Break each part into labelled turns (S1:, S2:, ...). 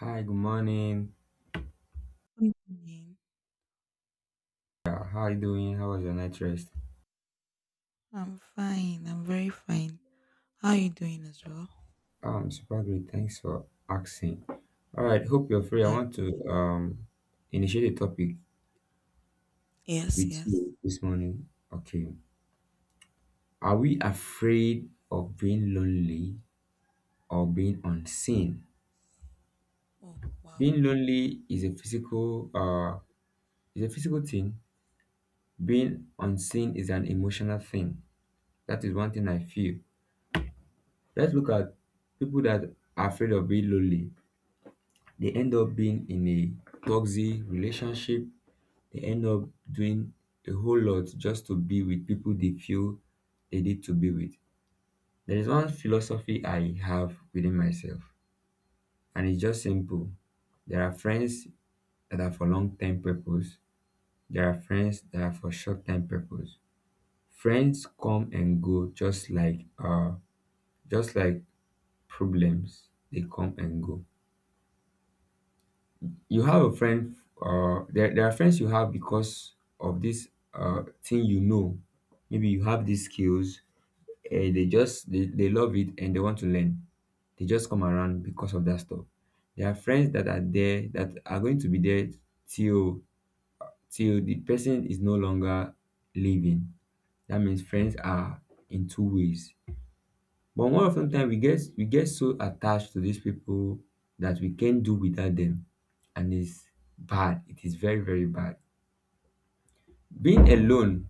S1: Hi, good morning.
S2: Good evening.
S1: Yeah, how are you doing? How was your night rest?
S2: I'm fine. I'm very fine. How are you doing as well?
S1: Super great. Thanks for asking. All right, hope you're free. I
S2: Uh,
S1: want to initiate a topic
S2: yes,
S1: with
S2: yes.
S1: you this morning. Okay. Are we afraid of being lonely or being unseen?
S2: Oh, wow.
S1: Being lonely is a physical thing. Being unseen is an emotional thing. That is one thing I feel. Let's look at people that are afraid of being lonely. They end up being in a toxic relationship, they end up doing a whole lot just to be with people they feel they need to be with. There is one philosophy I have within myself, and it's just simple. There are friends that are for long-term purpose, there are friends that are for short-term purpose. Friends come and go, just like just like problems they come and go. You have a friend, there are friends you have because of this thing, you know, maybe you have these skills and they love it and they want to learn. They just come around because of that stuff. There are friends that are there, that are going to be there till till the person is no longer living. That means friends are in two ways. But more often ten time we get so attached to these people that we can't do without them, and it's bad. It is very, very bad. Being alone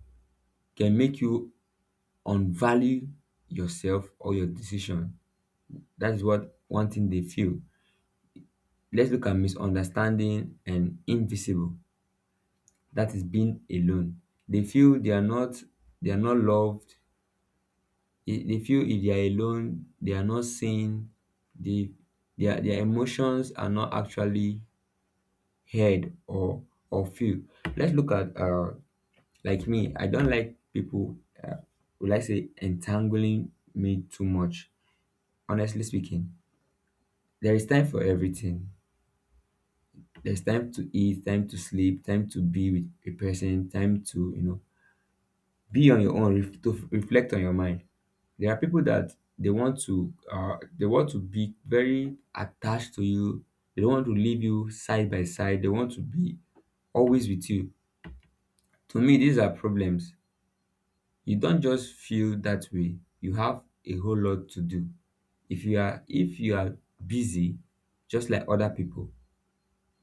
S1: can make you unvalue yourself or your decision. That is what one thing they feel. Let's look at misunderstanding and invisible. That is being alone. They feel they are not loved. They feel if they are alone, they are not seen. They, their emotions are not actually head or feel. Let's look at like me, I don't like people, uh, will I say, entangling me too much. Honestly speaking, there is time for everything. There's time to eat, time to sleep, time to be with a person, time to, you know, be on your own to reflect on your mind. There are people that they want to be very attached to you. They don't want to leave you side by side, they want to be always with you. To me, these are problems. You don't just feel that way, you have a whole lot to do. If you are, if you are busy just like other people,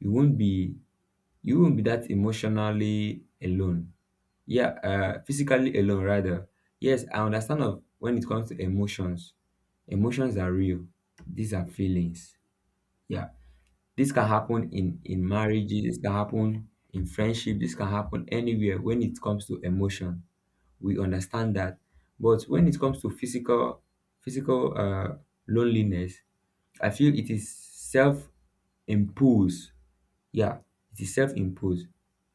S1: you won't be, you won't be that emotionally alone. Yeah, uh, physically alone rather. Yes, I understand of when it comes to emotions. Emotions are real, these are feelings. Yeah. This can happen in marriages, this can happen in friendship, this can happen anywhere when it comes to emotion. We understand that. But when it comes to physical, physical, loneliness, I feel it is self imposed. Yeah. It is self imposed.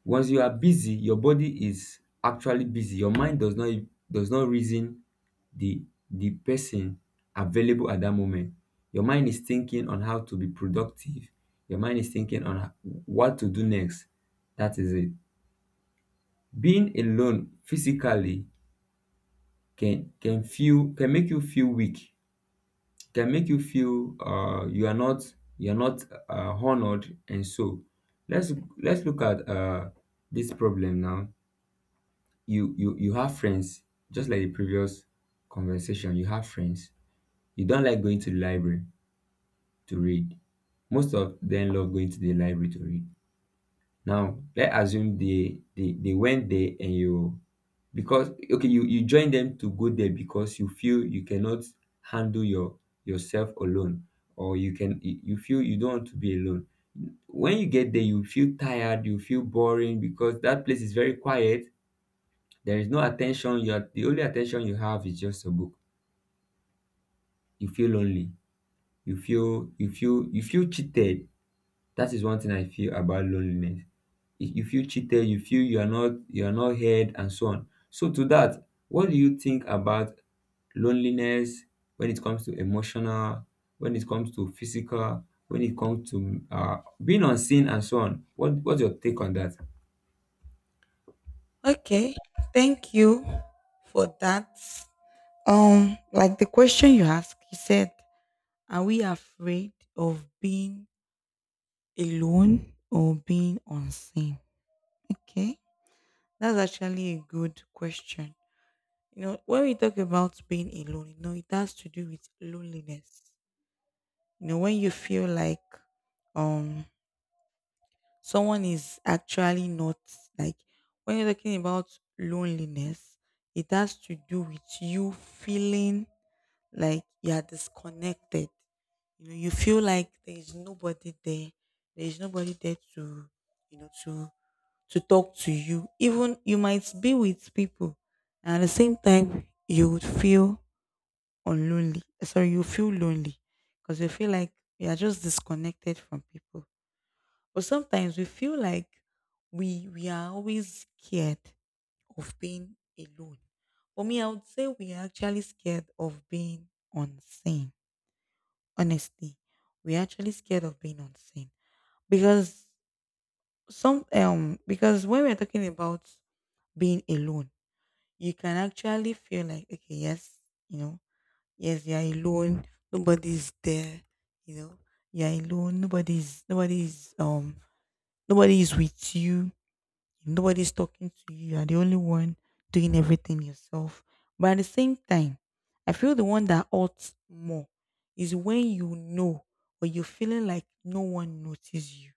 S1: Once you are busy, your body is actually busy, your mind does not, does not reason the the person available at that moment. Your mind is thinking on how to be productive. Your mind is thinking on what to do next. That is it. Being alone physically can feel, can make you feel weak, can make you feel, you are not, you are not, honored, and so. let's let's look at, this problem now. You have friends, just like the previous conversation. You have friends, you don't like going to the library to read. Most of them love going to the library to read. Now let's assume they went there, and you, because, okay, you join them to go there because you feel you cannot handle your, yourself alone, or you can, you feel you don't want to be alone. When you get there, you feel tired, you feel boring because that place is very quiet. There is no attention, you are the only attention you have is just a book. You feel lonely. You feel cheated. That is one thing I feel about loneliness. You feel cheated, you feel you are not, you are not heard, and so on. So to that, what do you think about loneliness, when it comes to emotional, when it comes to physical, when it comes to being unseen, and so on. What, what's your take on that?
S2: Okay. Thank you for that. Like the question you asked, you said, are we afraid of being alone or being unseen? Okay. That's actually a good question. When we talk about being alone, it has to do with loneliness. When you feel like um someone is actually not like when you're talking about loneliness, it has to do with you feeling like you are disconnected. You feel like there is nobody there. There is nobody there to, you know, to to talk to you. Even you might be with people, and at the same time, you would feel unlonely. Sorry, you feel lonely because you feel like you are just disconnected from people. But sometimes we feel like we are always scared of being alone. For me, I would say we are actually scared of being unseen. Honestly, we are actually scared of being unseen because because when we're talking about being alone, you can actually feel like okay, yes, you know, yes, you're alone. Nobody's there. You know, you're alone. Nobody is with you. Nobody's talking to you. You are the only one doing everything yourself. But at the same time, I feel the one that hurts more is when you know or you're feeling like no one notices you.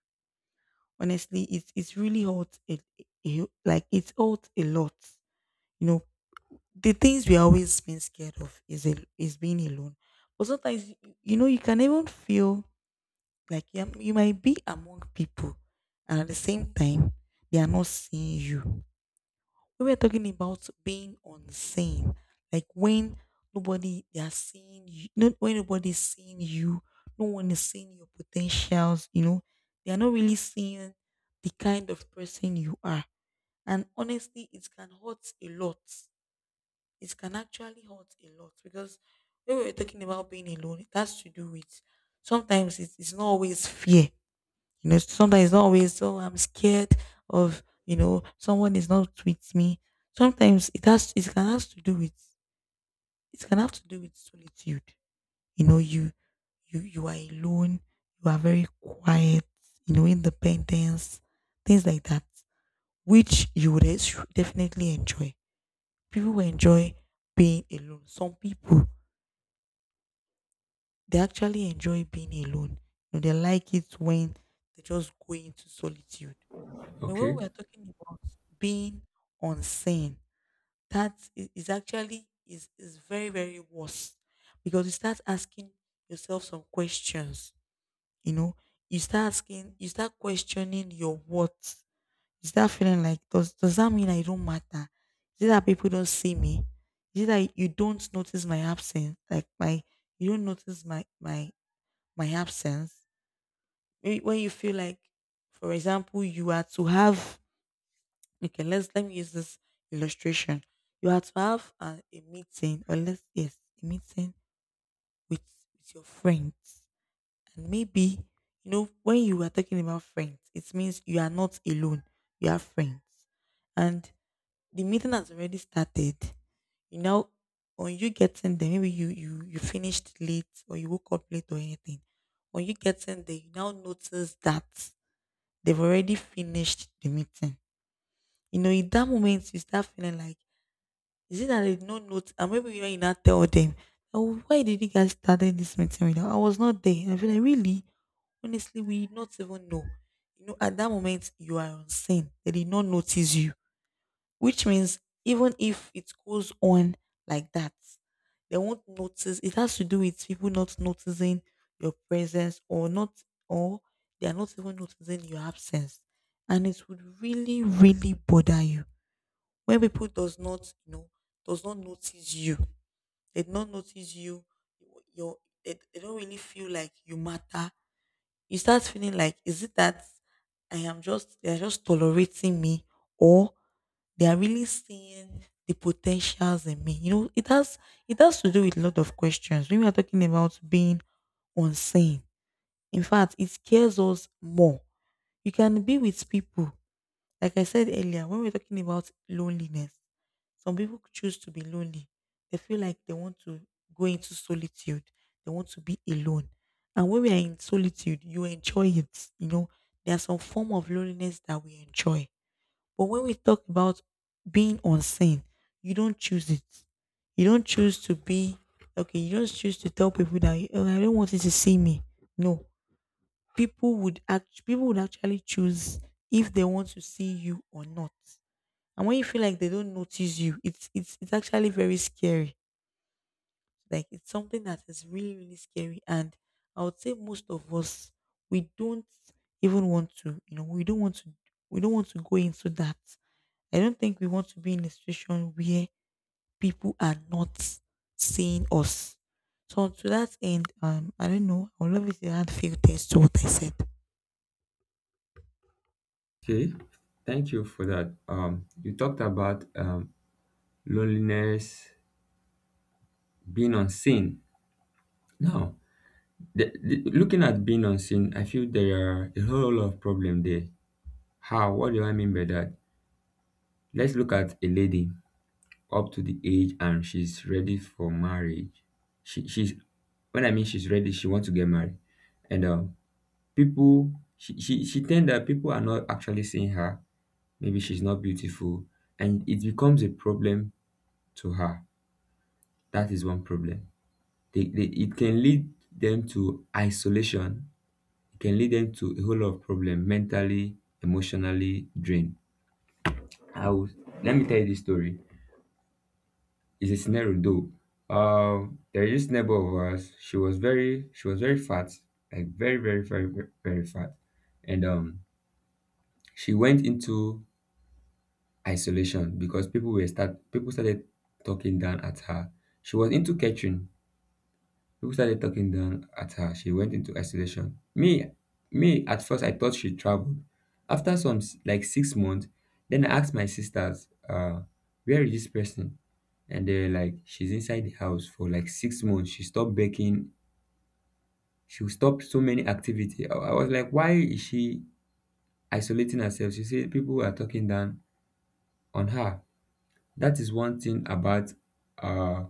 S2: Honestly, it's really hurts. It a- like it's hurts a lot. You know, the things we always been scared of is being alone. But sometimes you can even feel like you might be among people, and at the same time, they are not seeing you. We were talking about being unseen, like when nobody they are seeing you, not when nobody's seeing you, no one is seeing your potentials. They are not really seeing the kind of person you are. And honestly, it can hurt a lot. It can actually hurt a lot because when we were talking about being alone, it has to do with sometimes it is not always fear. Sometimes it's not always, so. I'm scared of, someone is not with me. Sometimes it has it can have to do with it can have to do with solitude. You know, you you are alone, you are very quiet, independence, things like that. Which you would definitely enjoy. People will enjoy being alone. Some people they actually enjoy being alone. They like it when they just go into solitude. But when
S1: Okay.
S2: we are talking about being unseen, that is actually is very, very worse because you start asking yourself some questions. You know, you start asking, you start questioning your worth. You start feeling like does that mean I don't matter? Is it that people don't see me? Is it that you don't notice my absence? Like my you don't notice my absence. Maybe when you feel like, for example, you are to have. Okay, let me use this illustration. You are to have a meeting, or a meeting with with your friends, and maybe when you are talking about friends, it means you are not alone. You have friends, and the meeting has already started. You know, on you getting there, maybe you finished late or you woke up late or anything. When you getting there, you now notice that they've already finished the meeting. In that moment, you start feeling like, is it that they did not note? And maybe when you not tell them, oh, why did you guys started this meeting without? I was not there. And I feel like really, honestly, we did not even know. At that moment you are on scene. They did not notice you, which means even if it goes on like that, they won't notice. It has to do with people not noticing your presence or not, or they are not even noticing your absence, and it would really, really bother you. When people does not, does not notice you, they do not notice you, your they don't really feel like you matter. You start feeling like, is it that I am just they are just tolerating me, or they are really seeing the potentials in me? It has to do with a lot of questions. When we are talking about being unseen, in fact, it scares us more. You can be with people like I said earlier, when we're talking about loneliness, some people choose to be lonely. They feel like they want to go into solitude. They want to be alone. And when we are in solitude, you enjoy it. There's some form of loneliness that we enjoy. But when we talk about being unseen, you don't choose it. You don't choose to be okay. You don't choose to tell people that oh, I don't want you to see me. No, people would actually choose if they want to see you or not. And when you feel like they don't notice you, it's actually very scary. Like it's something that is really, really scary. And I would say most of us we don't even want to, we don't want to go into that. I don't think we want to be in a situation where people are not seeing us. So to that end, I don't know. I would love if you add few things to what I said.
S1: Okay. Thank you for that. You talked about loneliness, being unseen. Now, looking at being unseen, I feel there are a whole lot of problem there. How? What do I mean by that? Let's look at a lady, up to the age and she's ready for marriage. She she's when I mean she's ready, she wants to get married. And people, she tend that people are not actually seeing her. Maybe she's not beautiful, and it becomes a problem to her. That is one problem. They it can lead them to isolation. It can lead them to a whole lot of problem, mentally, emotionally drained. I will Let me tell you this story. It's a scenario though. There is this neighbor of ours. She was very fat, like very, very, very, very, very fat, and she went into isolation because people started talking down at her. She was into catering. People started talking down at her. She went into isolation. Me at first, I thought she traveled. After some like 6 months, then I asked my sisters, where is this person? And they're like, she's inside the house for like 6 months. She stopped baking. She stopped so many activity. I was like, why is she isolating herself? She said people are talking down on her. That is one thing about uh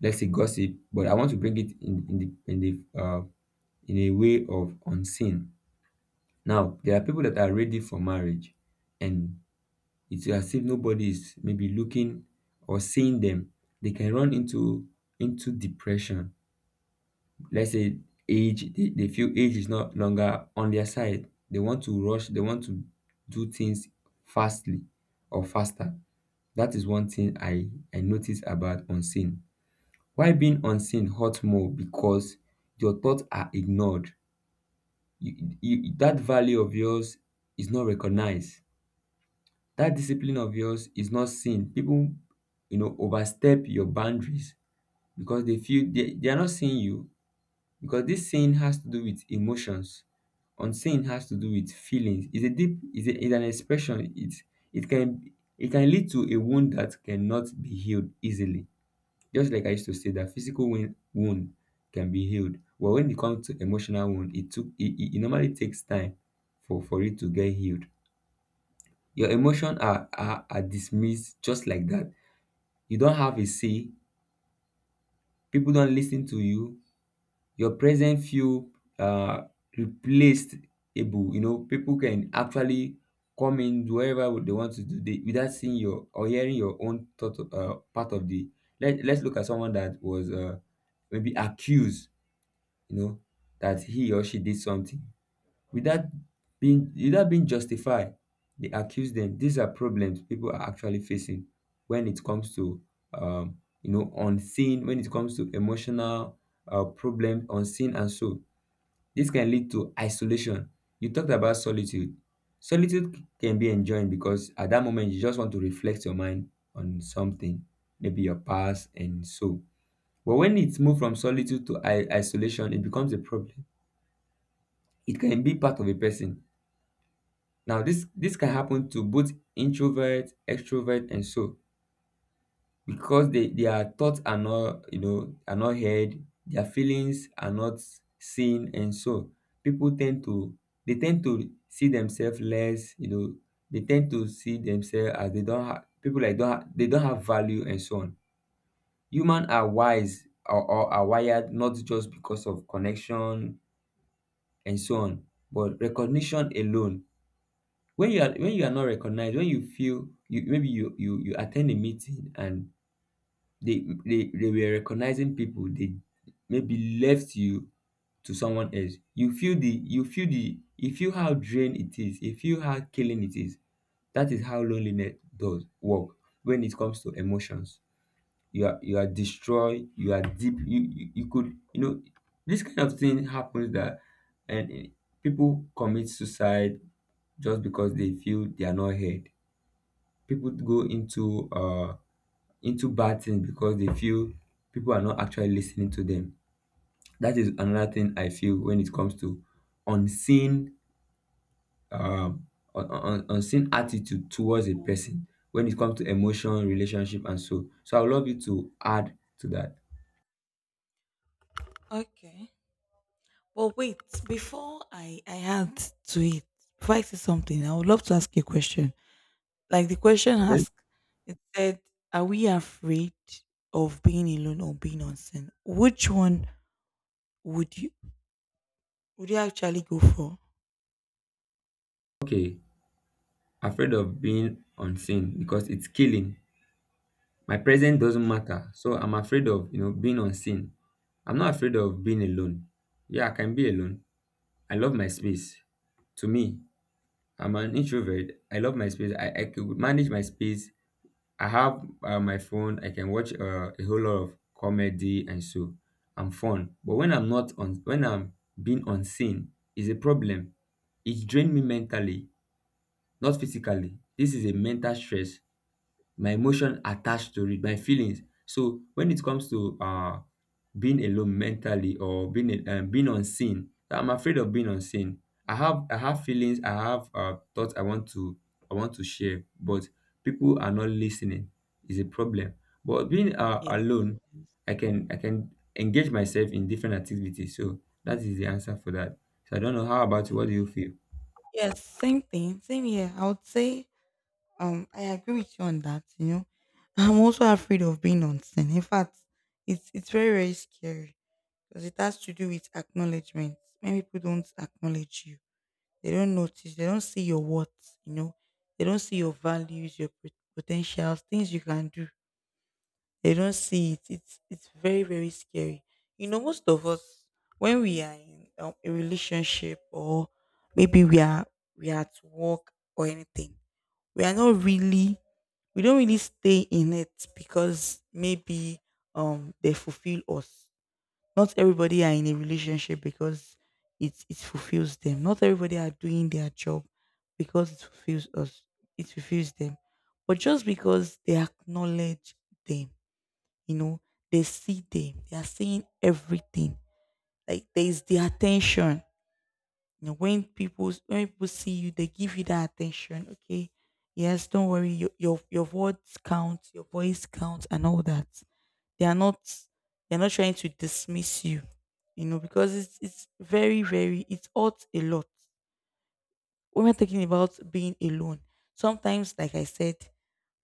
S1: let's say gossip, but I want to bring it in the in the in a way of unseen. Now, there are people that are ready for marriage, and it's as if nobody is maybe looking or seeing them. They can run into depression. Let's say age, they feel age is not longer on their side. They want to rush, they want to do things fastly, or faster. That is one thing I notice about unseen. Why being unseen hurt more? Because your thoughts are ignored, that value of yours is not recognized. That discipline of yours is not seen. People, you know, overstep your boundaries because they feel they are not seeing you. Because this saying has to do with emotions. Unseen has to do with feelings. It's a deep, it's, a, it's an expression. It can, it can lead to a wound that cannot be healed easily. Just like I used to say that physical wound can be healed, but when it comes to emotional wound, it took it, it, it normally takes time for it to get healed. Your emotions are dismissed just like that. You don't have a say. People don't listen to you. Your present feel, uh replaced able. You know, people can actually come in wherever they want to do they, without seeing your or hearing your own thought, part of the. Let's look at someone that was, maybe accused, you know, that he or she did something without being, without being justified. They accuse them. These are problems people are actually facing when it comes to, you know, unseen, when it comes to emotional, problem unseen, and so this can lead to isolation. You talked about solitude. Solitude can be enjoyed because at that moment you just want to reflect your mind on something, maybe your past and so. But when it's moved from solitude to isolation, it becomes a problem, it can be part of a person. Now, this can happen to both introvert, extrovert, and so because they, their thoughts are not, you know, are not heard, their feelings are not seen, and so people tend to, they tend to see themselves less. You know, they tend to see themselves as they don't have people like don't ha- they don't have value and so on. Humans are wise or are wired not just because of connection and so on, but recognition alone. When you are when you are not recognized, when you feel you, maybe you attend a meeting and they were recognizing people, they maybe left you to someone else, you feel the you feel the you feel how drained it is, you feel how killing it is. That is how loneliness does work. When it comes to emotions, you are destroyed, you are deep, you could, this kind of thing happens, that and eh, people commit suicide just because they feel they are not heard. People go into bad things because they feel people are not actually listening to them. That is another thing I feel when it comes to unseen, um unseen attitude towards a person when it comes to emotion, relationship, and so I would love you to add to that.
S2: Okay. But wait, before I add to it, before I say something, I would love to ask you a question. Like the question
S1: Okay.
S2: asked, it said, "Are we afraid of being alone or being on sin? Which one would you would you actually go for?"
S1: Okay, afraid of being unseen because it's killing. My presence doesn't
S2: Okay.
S1: matter. So I'm afraid of, being unseen. I'm not afraid of being alone. Yeah, I can be alone. I love my space. To me, I'm an introvert. I love my space. I could manage my space. I have my phone. I can watch a whole lot of comedy and so I'm fun. But when I'm not on, when I'm being unseen, is a problem. It drained me mentally, not physically. This is a mental stress, my emotion attached to it, my feelings. So when it comes to being alone mentally or being being unseen, I'm afraid of being unseen. I have feelings, I have thoughts I want to share, but people are not listening. Is a problem. But being
S2: Yeah.
S1: alone, I can engage myself in different activities. So that is the answer for that. So I don't know how about you. What do you
S2: Okay.
S1: feel?
S2: Yes, same thing, same here. I would say, I agree with you on that. I'm also afraid of being on scene. In fact, it's very, very scary. Because it has to do with acknowledgement. Many people don't acknowledge you, they don't notice, they don't see your worth, they don't see your values, your potentials, things you can do. They don't see it. It's very, very scary. Most of us when we are in a relationship or maybe we are at work or anything, we are not really we don't really stay in it because maybe they fulfill us. Not everybody are in a relationship because it fulfills them. Not everybody are doing their job because it fulfills us. It fulfills them. But just because they acknowledge them, you know, they see them, they are seeing everything. Like there is the attention. When people see you, they give you that attention. Okay, yes, don't worry. Your words count, your voice counts, and all that. They are not they're not trying to dismiss you, because it's very, very, it hurts a lot. When we're talking about being alone, sometimes like I said,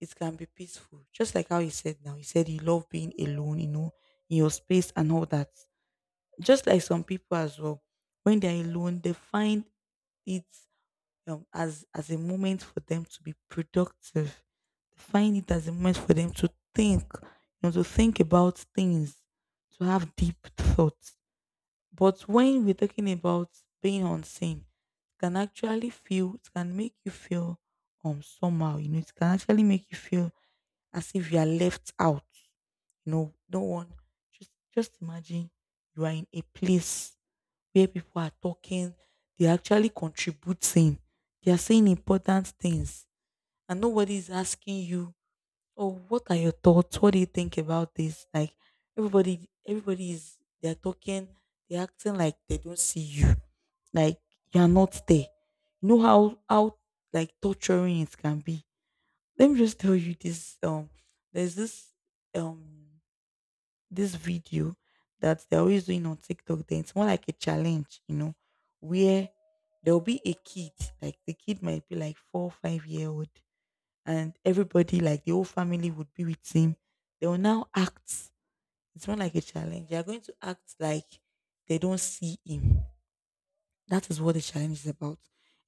S2: it can be peaceful. Just like how you said now, you said you love being alone, in your space and all that. Just like some people as well, when they're alone, they find it as a moment for them to be productive. They find it as a moment for them to think, to think about things, to have deep thoughts. But when we're talking about being unseen, it can actually feel, it can make you feel somehow, it can actually make you feel as if you are left out. No one. Just imagine you are in a place where people are talking, they're actually contributing, they are saying important things, and nobody is asking you, oh, what are your thoughts? What do you think about this? Like everybody is they're talking, they're acting like they don't see you. Like you're not there. You know how like torturing it can be. Let me just tell you this there's um this video that they're always doing on TikTok. Then it's more like a challenge, where there'll be a kid, like the kid might be like four, 5-year old, and everybody, like the whole family, would be with him. They will now act. It's more like a challenge. They are going to act like they don't see him. That is what the challenge is about.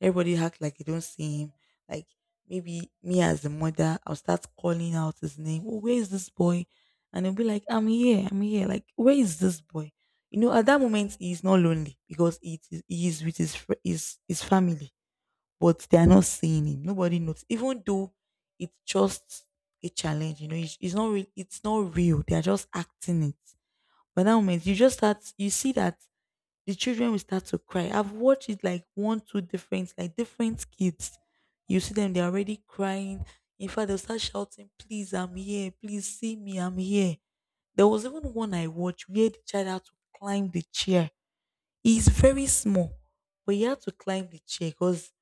S2: Everybody acts like they don't see him. Like maybe me as the mother, I'll start calling out his name. Oh, where is this boy? And he'll be like, I'm here, I'm here. Like, where is this boy? You know, at that moment he's not lonely because it is he is with his fr- his family, but they are not seeing him. Nobody knows. Even though it's just a challenge, you know, it's not real. It's not real. They are just acting it. But that moment you just start you see that the children will start to cry. I've watched it like one, two different, like different kids. You see them, they're already crying. In fact, they'll start shouting, please, I'm here. Please see me, I'm here. There was even one I watched where the child had to climb the chair. He's very small, but he had to climb the chair because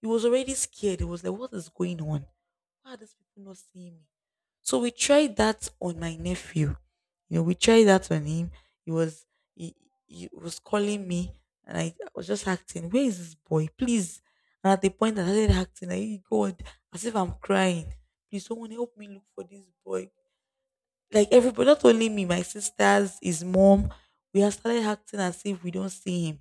S2: he was already scared. He was like, what is going on? Why are these people not seeing me? So we tried that on my nephew. You know, we tried that on him. He was he, he was calling me and I was just acting, where is this boy? Please. And at the point that I started acting, I God, as if I'm crying. Please someone help me look for this boy. Like everybody, not only me, my sisters, his mom, we had started acting as if we don't see him.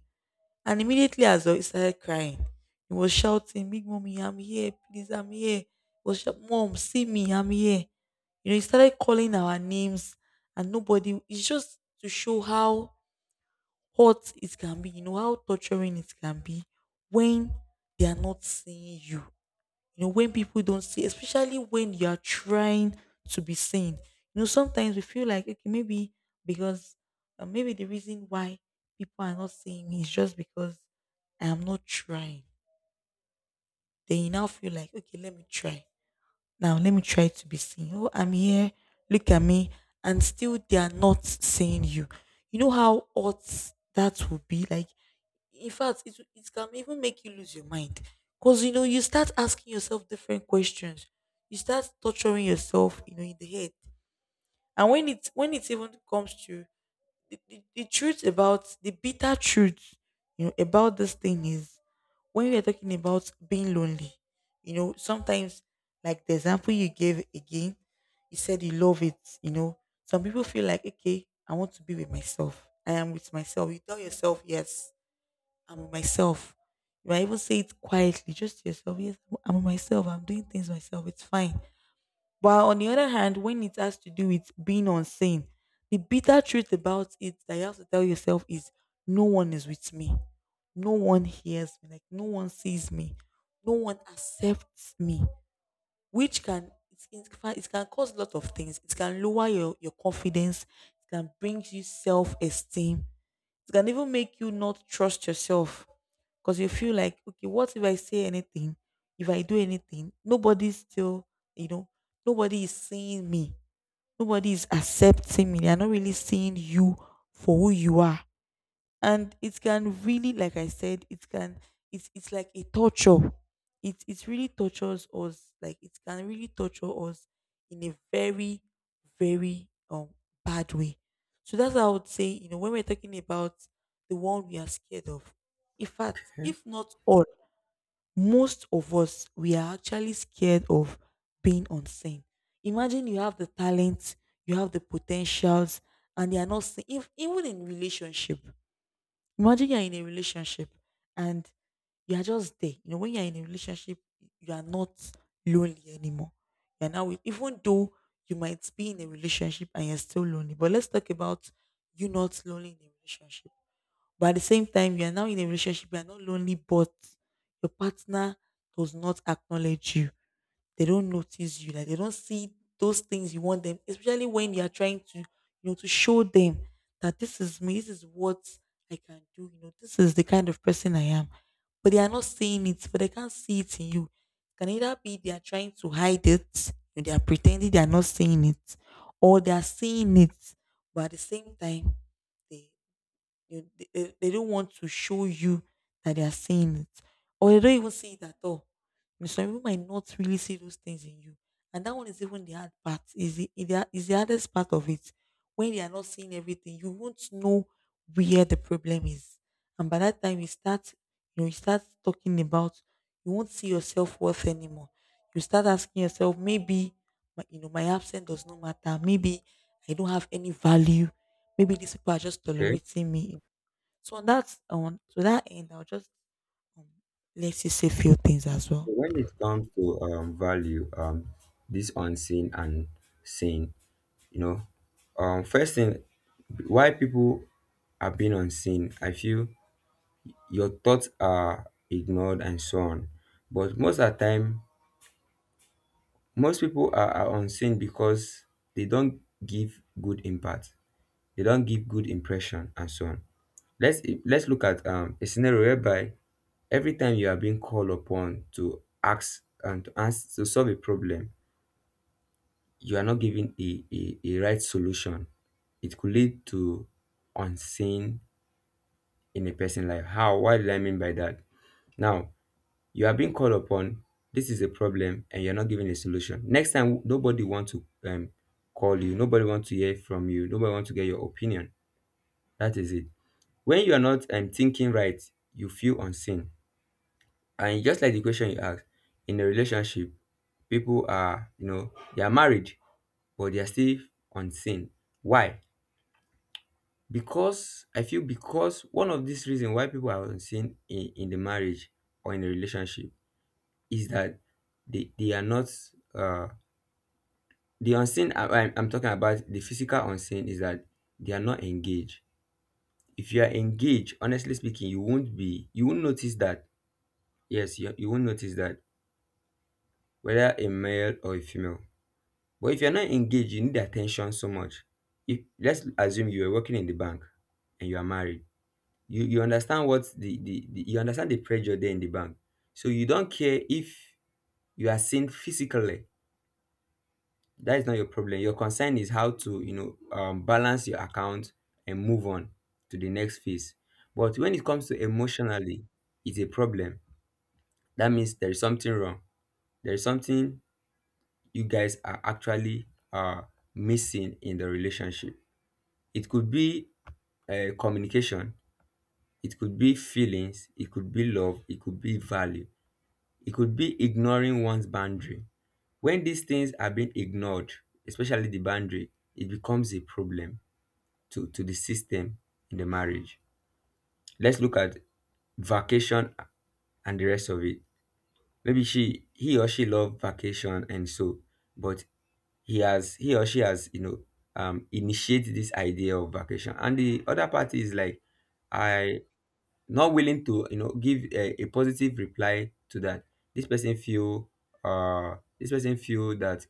S2: And immediately as well, he started crying. He was shouting, big mommy, I'm here, please, I'm here. Mom, see me, I'm here. You know, he started calling our names and nobody, it's just to show how hot it can be, you know, how torturing it can be when they are not seeing you. You know, when people don't see, especially when you are trying to be seen. You know, sometimes we feel like okay, maybe because maybe the reason why people are not seeing me is just because I am not trying. Then you now feel like okay, let me try, now let me try to be seen. Oh, I'm here. Look at me. And still they are not seeing you. You know how odd that would be? Like, in fact, it can even make you lose your mind. Because, you know, you start asking yourself different questions. You start torturing yourself, you know, in the head. And when it even comes to the bitter truth, you know, about this thing is when we are talking about being lonely, you know, sometimes, like the example you gave again, you said you love it, you know. Some people feel like, okay, I want to be with myself. I am with myself. You tell yourself, yes, I'm with myself. You might even say it quietly, just to yourself, yes, I'm with myself. I'm doing things myself. It's fine, but on the other hand, when it has to do with being unseen, the bitter truth about it that you have to tell yourself is no one is with me. No one hears me. Like no one sees me. No one accepts me. Which can in fact, it can cause a lot of things. It can lower your confidence. It can bring you self-esteem. It can even make you not trust yourself because you feel like, okay, what if I say anything? If I do anything, nobody's still, you know, nobody is seeing me. Nobody is accepting me. They are not really seeing you for who you are, and it can really, like I said, it can, it's like a torture. It really tortures us, like it can really torture us in a very, very bad way. So that's how I would say, you know, when we're talking about the one we are scared of, in fact, if not all, most of us, we are actually scared of being unseen. Imagine you have the talent, you have the potentials, and they are not seen. If, even in relationship, imagine you're in a relationship and you are just there. You know, when you're in a relationship, you are not lonely anymore. You're now with, even though you might be in a relationship and you're still lonely. But let's talk about you not lonely in a relationship. But at the same time, you are now in a relationship, you are not lonely, but your partner does not acknowledge you. They don't notice you, like they don't see those things you want them, especially when you are trying to, you know, to show them that this is me, this is what I can do, you know, this is the kind of person I am, but they are not seeing it, but they can't see it in you. It can either be they are trying to hide it and they are pretending they are not seeing it, or they are seeing it, but at the same time, they they don't want to show you that they are seeing it, or they don't even see it at all. You know, some people might not really see those things in you, and that one is even the hard part. Is the hardest part of it. When they are not seeing everything, you won't know where the problem is, and by that time you start, you know, you start talking about, you won't see your self worth anymore. You start asking yourself, maybe my, you know, my absence does not matter. Maybe I don't have any value. Maybe these people are just
S1: Okay.
S2: tolerating me. So on that, on to that end, I'll just um, let you say few things as
S1: So
S2: well.
S1: when it comes to value, this unseen and seen, you know, first thing, why people are being unseen, I feel your thoughts are ignored and so on. But most of the time, most people are unseen because they don't give good impact. They don't give good impression and so on. Let's look at a scenario whereby every time you are being called upon to ask and to answer, to solve a problem, you are not giving a right solution. It could lead to unseen in a person life. How? What did I mean by that? Now, you are being called upon. This is a problem, and you're not giving a solution. Next time, nobody want to call you. Nobody want to hear from you. Nobody want to get your opinion. That is it. When you are not thinking right, you feel unseen. And just like the question you asked, in a relationship, people are, you know, they are married, but they are still unseen. Why? Because I feel, because one of these reason why people are unseen in the marriage or in the relationship is that they are not uh the unseen, I'm I'm talking about the physical unseen, is that they are not engaged. If you are engaged, honestly speaking, you won't be, you won't notice that. Yes, you won't notice that, whether a male or a female. But if you're not engaged, you need attention so much. If let's assume you are working in the bank and you are married, you understand what the you understand the pressure there in the bank, so you don't care if you are seen physically. That is not your problem. Your concern is how to, you know, balance your account and move on to the next phase. But when it comes to emotionally, it's a problem. That means there is something wrong, there is something you guys are actually uh, missing in the relationship. It could be communication, it could be feelings, it could be love, it could be value. It could be ignoring one's boundary. When these things are being ignored, especially the boundary, it becomes a problem to the system in the marriage. Let's look at vacation and the rest of it. Maybe she, he or she loved vacation and so, but he has, he or she has, you know, initiated this idea of vacation. And the other party is like, I not willing to, you know, give a positive reply to that. This person feel uh this person feel that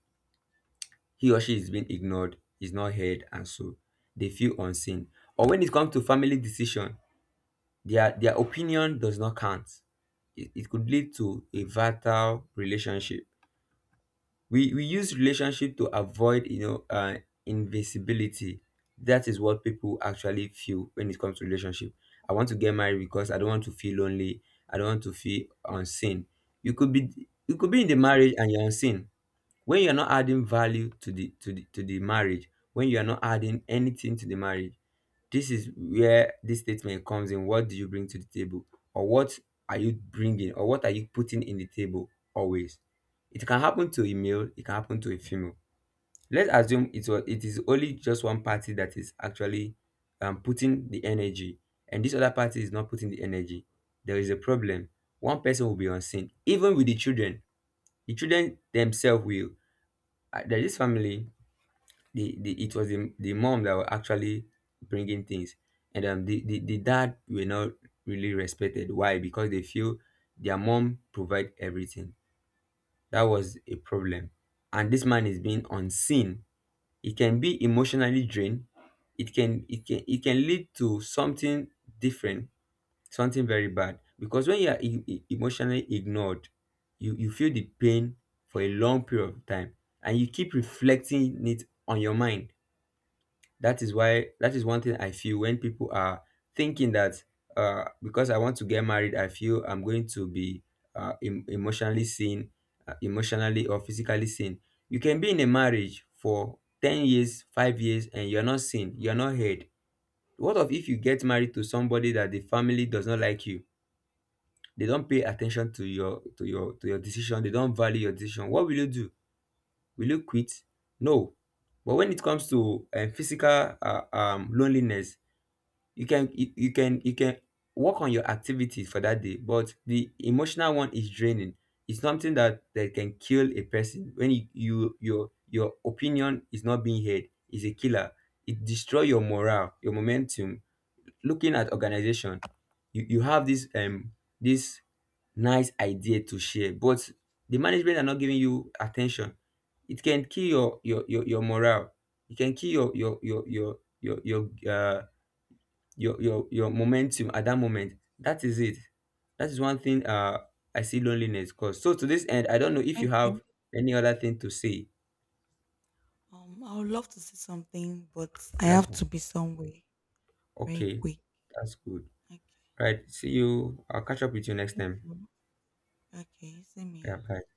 S1: he or she is being ignored, is not heard, and so they feel unseen. Or when it comes to family decision, their opinion does not count. It could lead to a vital relationship. We use relationship to avoid, you know, invisibility. That is what people actually feel when it comes to relationship. I want to get married because I don't want to feel lonely, I don't want to feel unseen. You could be you could be in the marriage and you're unseen, when you're not adding value to the to the to the marriage, when you are not adding anything to the marriage. This is where this statement comes in. What do you bring to the table? Or what are you bringing? Or what are you putting in the table always? It can happen to a male, it can happen to a female. Let's assume it was, it is only just one party that is actually putting the energy, and this other party is not putting the energy. There is a problem. One person will be unseen, even with the children. The children themselves will. There is family, the it was the mom that were actually bringing things, and the dad were not really respected. Why? Because they feel their mom provide everything. That was a problem, and this man is being unseen. It can be emotionally drained, it can it can lead to something different, something very bad. Because when you are emotionally ignored, you feel the pain for a long period of time, and you keep reflecting it on your mind. That is why, that is one thing I feel when people are thinking that because I want to get married, I feel I'm going to be emotionally seen, emotionally or physically seen. You can be in a marriage for 10 years, 5 years, and you're not seen, you're not heard. What of if you get married to somebody that the family does not like you? They don't pay attention to your, to your, to your decision, they don't value your decision. What will you do? Will you quit? No. But when it comes to physical loneliness, you can work on your activities for that day, but the emotional one is draining. It's something that, that can kill a person. When your opinion is not being heard, is a killer. It destroy your morale, your momentum. Looking at organization, you have this this nice idea to share, but the management are not giving you attention. It can kill your morale. It can kill your your momentum at that moment. That is it. That is one thing, I see loneliness cause. So to this end, I don't know if you
S2: Okay.
S1: have any other thing to say.
S2: I would love to say something, but I
S1: Last
S2: have
S1: one.
S2: to be somewhere very
S1: Okay.
S2: quick.
S1: That's good.
S2: Okay.
S1: Right, see you, I'll catch up with you next
S2: Thank
S1: time.
S2: you. Okay. Same
S1: Yeah,
S2: here.
S1: bye.